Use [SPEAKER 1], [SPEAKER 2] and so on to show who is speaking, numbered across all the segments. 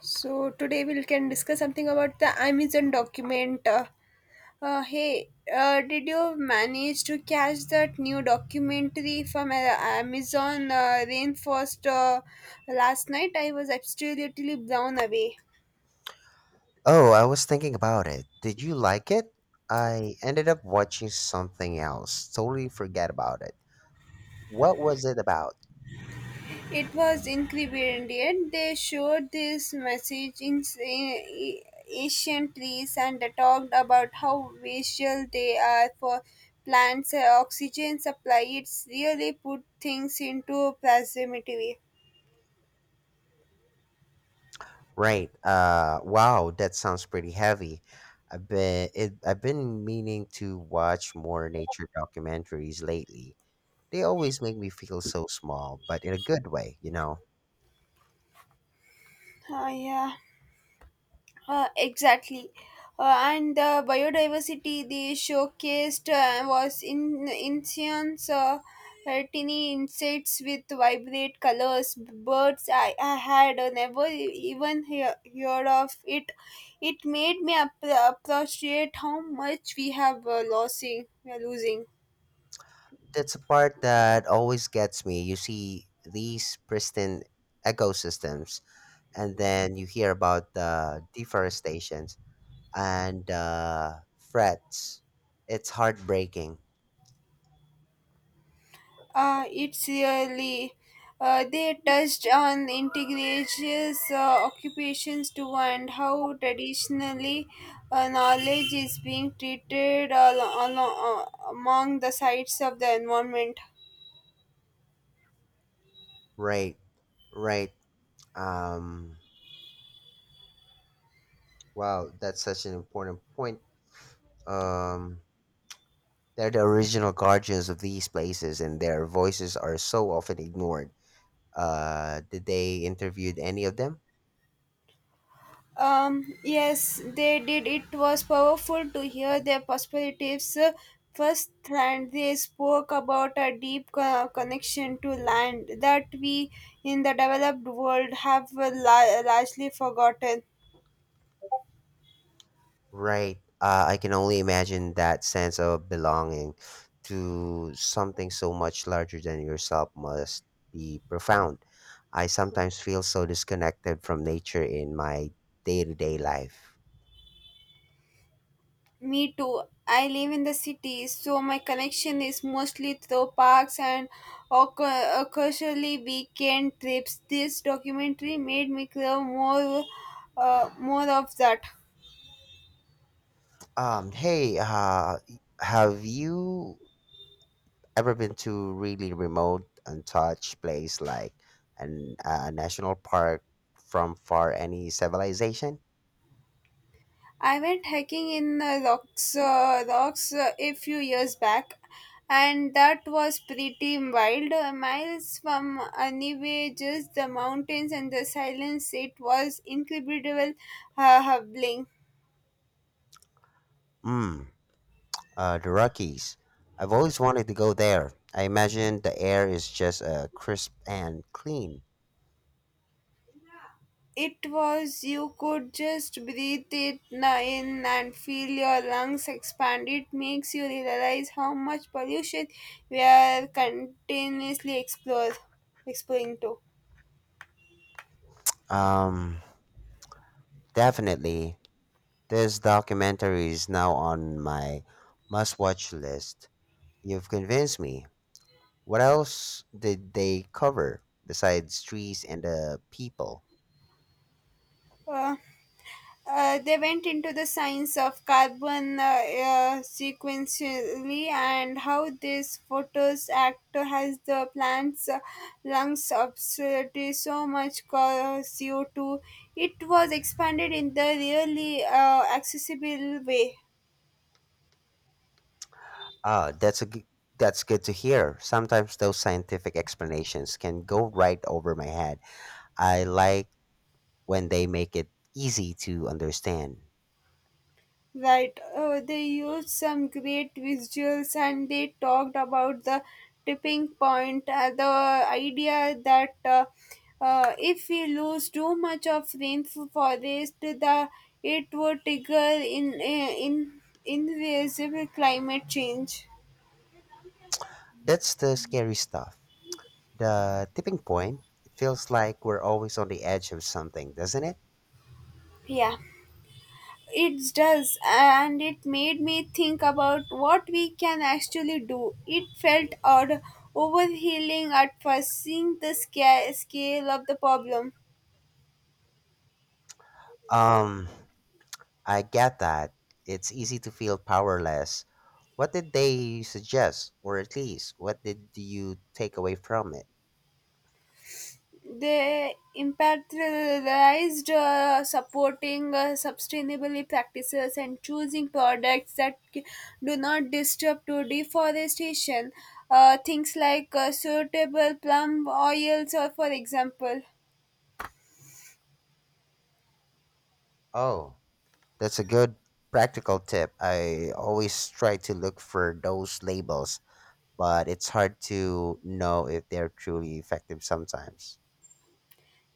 [SPEAKER 1] So today we can discuss something about the Amazon document. Uh, hey, did you manage to catch that new documentary from Amazon Rainforest last night? I was absolutely blown away.
[SPEAKER 2] Oh, I was thinking about it. Did you like it? I ended up watching something else. Totally forget about it. What was it about?
[SPEAKER 1] It was incredible. They showed this message in ancient trees and talked about how vital they are for plants' oxygen supply. It's really put things into perspective.
[SPEAKER 2] Right. Wow, that sounds pretty heavy. I've been meaning to watch more nature documentaries lately. They always make me feel so small, but in a good way.
[SPEAKER 1] Yeah. Exactly. And the biodiversity they showcased was in incense, tiny insects with vibrant colors, birds I had never heard of it. It made me appreciate how much we have we are losing.
[SPEAKER 2] That's a part that always gets me. You see these pristine ecosystems and then you hear about the deforestations and frets. It's heartbreaking.
[SPEAKER 1] It's really they touched on indigenous occupations too and how traditionally knowledge is being treated among the sides of the environment.
[SPEAKER 2] Right, right. Um, wow, that's such an important point. Um, they're the original guardians of these places, and their voices are so often ignored. Did they interviewed any of them?
[SPEAKER 1] Yes, they did. It was powerful to hear their perspectives. First, and they spoke about a deep connection to land that we in the developed world have largely forgotten.
[SPEAKER 2] Right. I can only imagine that sense of belonging to something so much larger than yourself must be profound. I sometimes feel so disconnected from nature in my day to day life.
[SPEAKER 1] Me too. I live in the city, so my connection is mostly through parks and occasionally weekend trips. This documentary made me crave more, more of that.
[SPEAKER 2] Hey, have you ever been to really remote, untouched place like a national park from far any civilization?
[SPEAKER 1] I went hiking in the rocks, a few years back, and that was pretty wild. Miles from anywhere, just the mountains and the silence. It was incredible, humbling.
[SPEAKER 2] Mm, the Rockies. I've always wanted to go there. I imagine the air is just crisp and clean.
[SPEAKER 1] It was, you could just breathe in and feel your lungs expand. It makes you realize how much pollution we are continuously exploring to.
[SPEAKER 2] Um, Definitely. This documentary is now on my must-watch list. You've convinced me. What else did they cover besides trees and the people?
[SPEAKER 1] Uh, they went into the science of carbon sequentially and how this photos act has the plant's lungs absorb so much CO2. It was expanded in the really accessible way.
[SPEAKER 2] Ah, that's good to hear. Sometimes those scientific explanations can go right over my head. I like when they make it easy to understand.
[SPEAKER 1] Right. They used some great visuals and they talked about the tipping point, the idea that if we lose too much of rainforest, it would trigger in invisible climate change.
[SPEAKER 2] That's the scary stuff. The tipping point, it feels like we're always on the edge of something, doesn't it?
[SPEAKER 1] Yeah, it does, and it made me think about what we can actually do. It felt odd overhealing at first, seeing the scale of the problem,
[SPEAKER 2] Um, I get that. It's easy to feel powerless. What did they suggest, or at least what did you take away from it?
[SPEAKER 1] the imperialized supporting sustainability practices and choosing products that do not disturb to deforestation, things like suitable plum oils or for example.
[SPEAKER 2] Oh, that's a good practical tip. I always try to look for those labels, but it's hard to know if they're truly effective sometimes.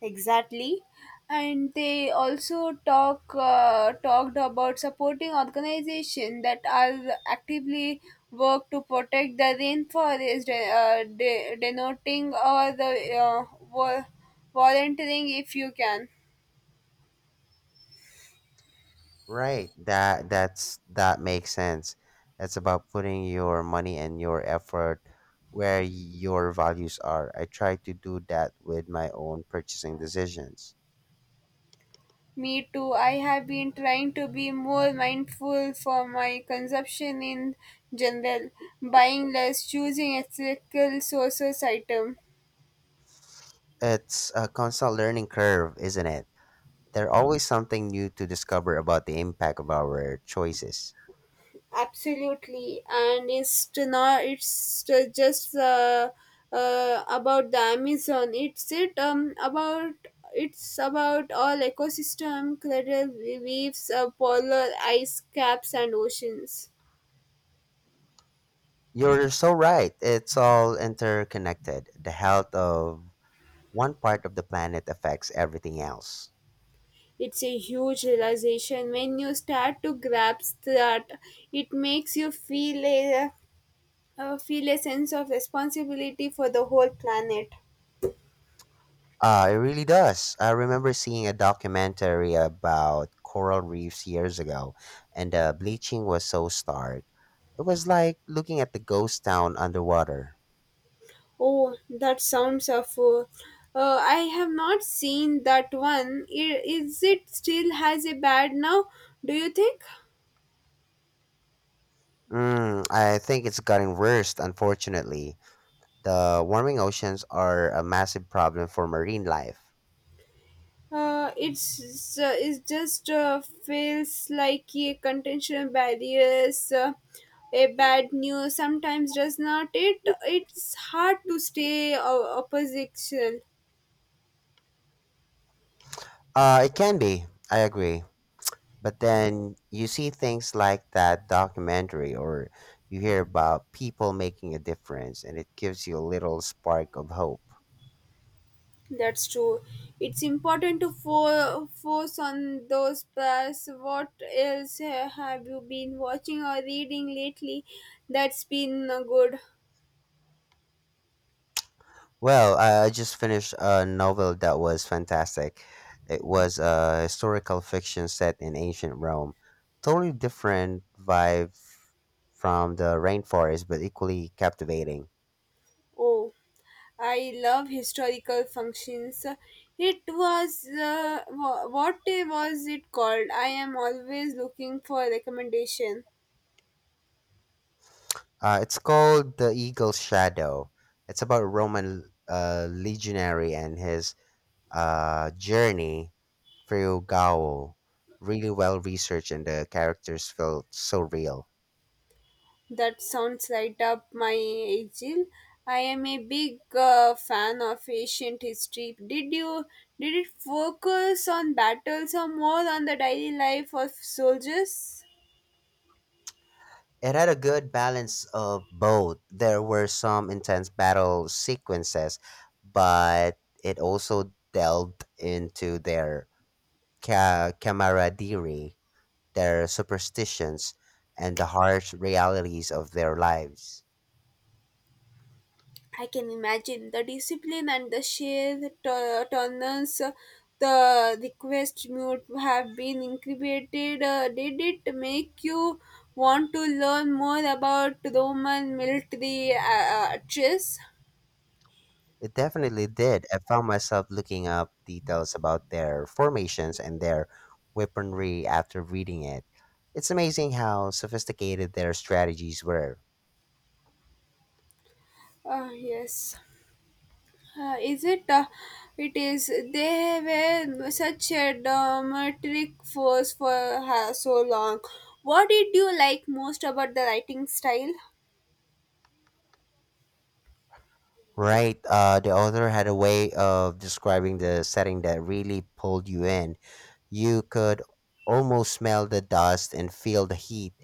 [SPEAKER 1] Exactly, and they also talked about supporting organizations that are actively work to protect the rainforest, denoting or the vo- volunteering if you can.
[SPEAKER 2] Right. That makes sense. It's about putting your money and your effort where your values are. I try to do that with my own purchasing decisions.
[SPEAKER 1] Me too. I have been trying to be more mindful for my consumption in general, buying less, choosing ethical sources item.
[SPEAKER 2] It's a constant learning curve, isn't it? There's always something new to discover about the impact of our choices.
[SPEAKER 1] Absolutely, and it's to not it's to just about the Amazon. It's it about It's about all ecosystem, cradle reefs, polar ice caps and oceans.
[SPEAKER 2] You're so right. It's all interconnected. The health of one part of the planet affects everything else.
[SPEAKER 1] It's a huge realization when you start to grasp that. It makes you feel a sense of responsibility for the whole planet.
[SPEAKER 2] It really does. I remember seeing a documentary about coral reefs years ago, and the bleaching was so stark. It was like looking at the ghost town underwater.
[SPEAKER 1] Oh, that sounds awful. I have not seen that one. Is it still has a bad now? Do you think?
[SPEAKER 2] Mm, I think it's gotten worse, unfortunately. The warming oceans are a massive problem for marine life.
[SPEAKER 1] It's it just feels like a contention barriers, a bad news sometimes, does not it. It's hard to stay opposition.
[SPEAKER 2] It can be, I agree. But then you see things like that documentary, or you hear about people making a difference, and it gives you a little spark of hope.
[SPEAKER 1] That's true. It's important to focus on those plus. What else have you been watching or reading lately that's been good?
[SPEAKER 2] Well, I just finished a novel that was fantastic. It was a historical fiction set in ancient Rome. Totally different vibe from the rainforest, but equally captivating.
[SPEAKER 1] Oh, I love historical functions. It was, what was it called? I am always looking for recommendation.
[SPEAKER 2] It's called The Eagle's Shadow. It's about a Roman legionary and his journey through Gaul. Really well researched, and the characters felt so real.
[SPEAKER 1] That sounds right up my alley. I am a big fan of ancient history. Did it focus on battles or more on the daily life of soldiers?
[SPEAKER 2] It had a good balance of both. There were some intense battle sequences, but it also delved into their camaraderie, their superstitions, and the harsh realities of their lives.
[SPEAKER 1] I can imagine the discipline and the sheer tolerance. The request mute have been incubated. Did it make you want to learn more about Roman military chess?
[SPEAKER 2] It definitely did. I found myself looking up details about their formations and their weaponry after reading it. It's amazing how sophisticated their strategies were.
[SPEAKER 1] Yes. Is it? It is. They were such a dramatic force for her so long. What did you like most about the writing style?
[SPEAKER 2] Right, the author had a way of describing the setting that really pulled you in. You could almost smell the dust and feel the heat,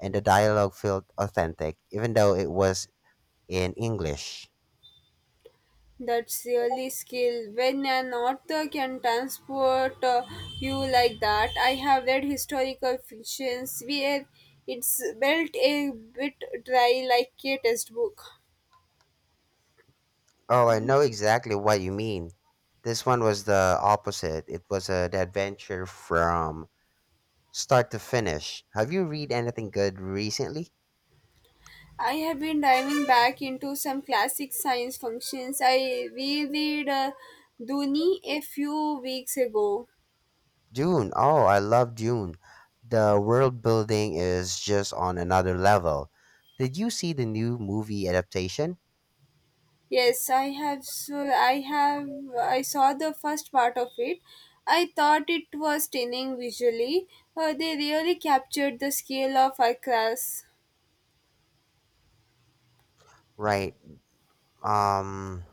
[SPEAKER 2] and the dialogue felt authentic, even though it was in English.
[SPEAKER 1] That's really skill. When an author can transport you like that, I have read historical fictions where it's built a bit dry like a textbook.
[SPEAKER 2] Oh, I know exactly what you mean. This one was the opposite. It was an adventure from start to finish. Have you read anything good recently?
[SPEAKER 1] I have been diving back into some classic science functions. I reread Duni a few weeks ago.
[SPEAKER 2] Dune. Oh, I love Dune. The world building is just on another level. Did you see the new movie adaptation?
[SPEAKER 1] Yes, I have. I saw the first part of it. I thought it was stunning visually. They really captured the scale of our class.
[SPEAKER 2] Right. Um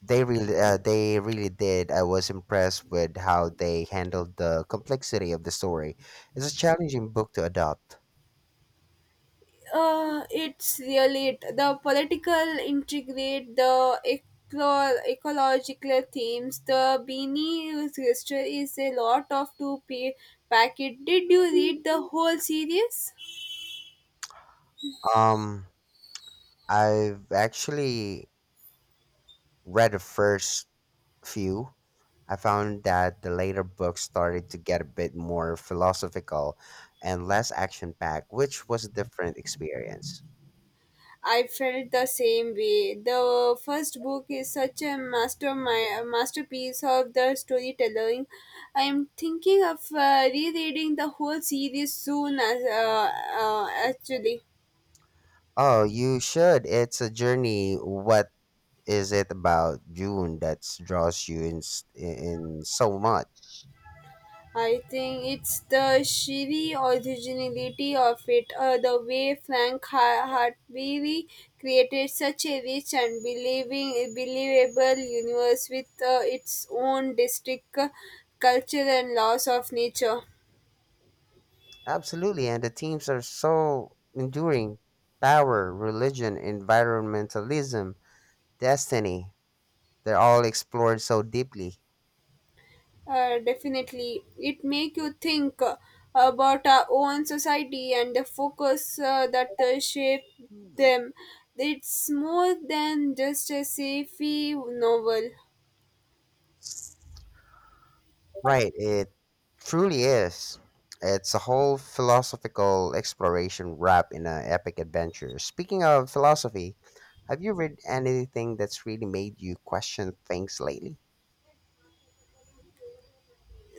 [SPEAKER 2] They they really did. I was impressed with how they handled the complexity of the story. It's a challenging book to adopt.
[SPEAKER 1] It's really it. The political integrate, the ecological themes, the beanie gesture is a lot of two p packet. Did you read the whole series?
[SPEAKER 2] Um, I've actually read the first few. I found that the later books started to get a bit more philosophical and less action packed, which was a different experience.
[SPEAKER 1] I felt the same way. The first book is such a masterpiece of the storytelling. I am thinking of rereading the whole series soon, as actually.
[SPEAKER 2] Oh, you should. It's a journey. What is it about June that draws you in so much?
[SPEAKER 1] I think it's the sheer originality of it, the way Frank Hartwell created such a rich and believable universe with its own distinct culture and laws of nature.
[SPEAKER 2] Absolutely, and the themes are so enduring. Power, religion, environmentalism, destiny. They're all explored so deeply.
[SPEAKER 1] Definitely, it make you think about our own society and the focus that shape
[SPEAKER 2] Mm.
[SPEAKER 1] them. It's more than just a sci-fi novel.
[SPEAKER 2] Right, it truly is. It's a whole philosophical exploration wrapped in an epic adventure. Speaking of philosophy, have you read anything that's really made you question things lately?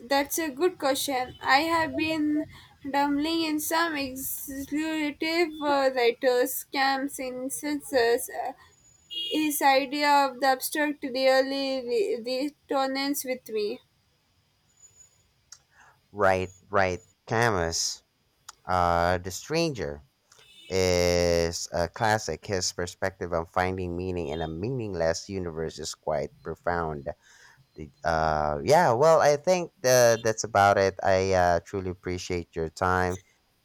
[SPEAKER 1] That's a good question. I have been dabbling in some explorative writers' camps in senses. His idea of the abstract really resonates with me.
[SPEAKER 2] Right, right. Camus, The Stranger is a classic. His perspective on finding meaning in a meaningless universe is quite profound. Yeah, well, I think that's about it. I truly appreciate your time.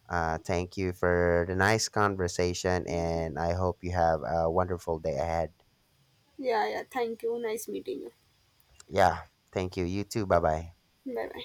[SPEAKER 2] Thank you for the nice conversation, and I hope you have a wonderful day ahead.
[SPEAKER 1] Yeah, yeah, thank you. Nice meeting you.
[SPEAKER 2] Yeah, thank you. You too. Bye bye.
[SPEAKER 1] Bye bye.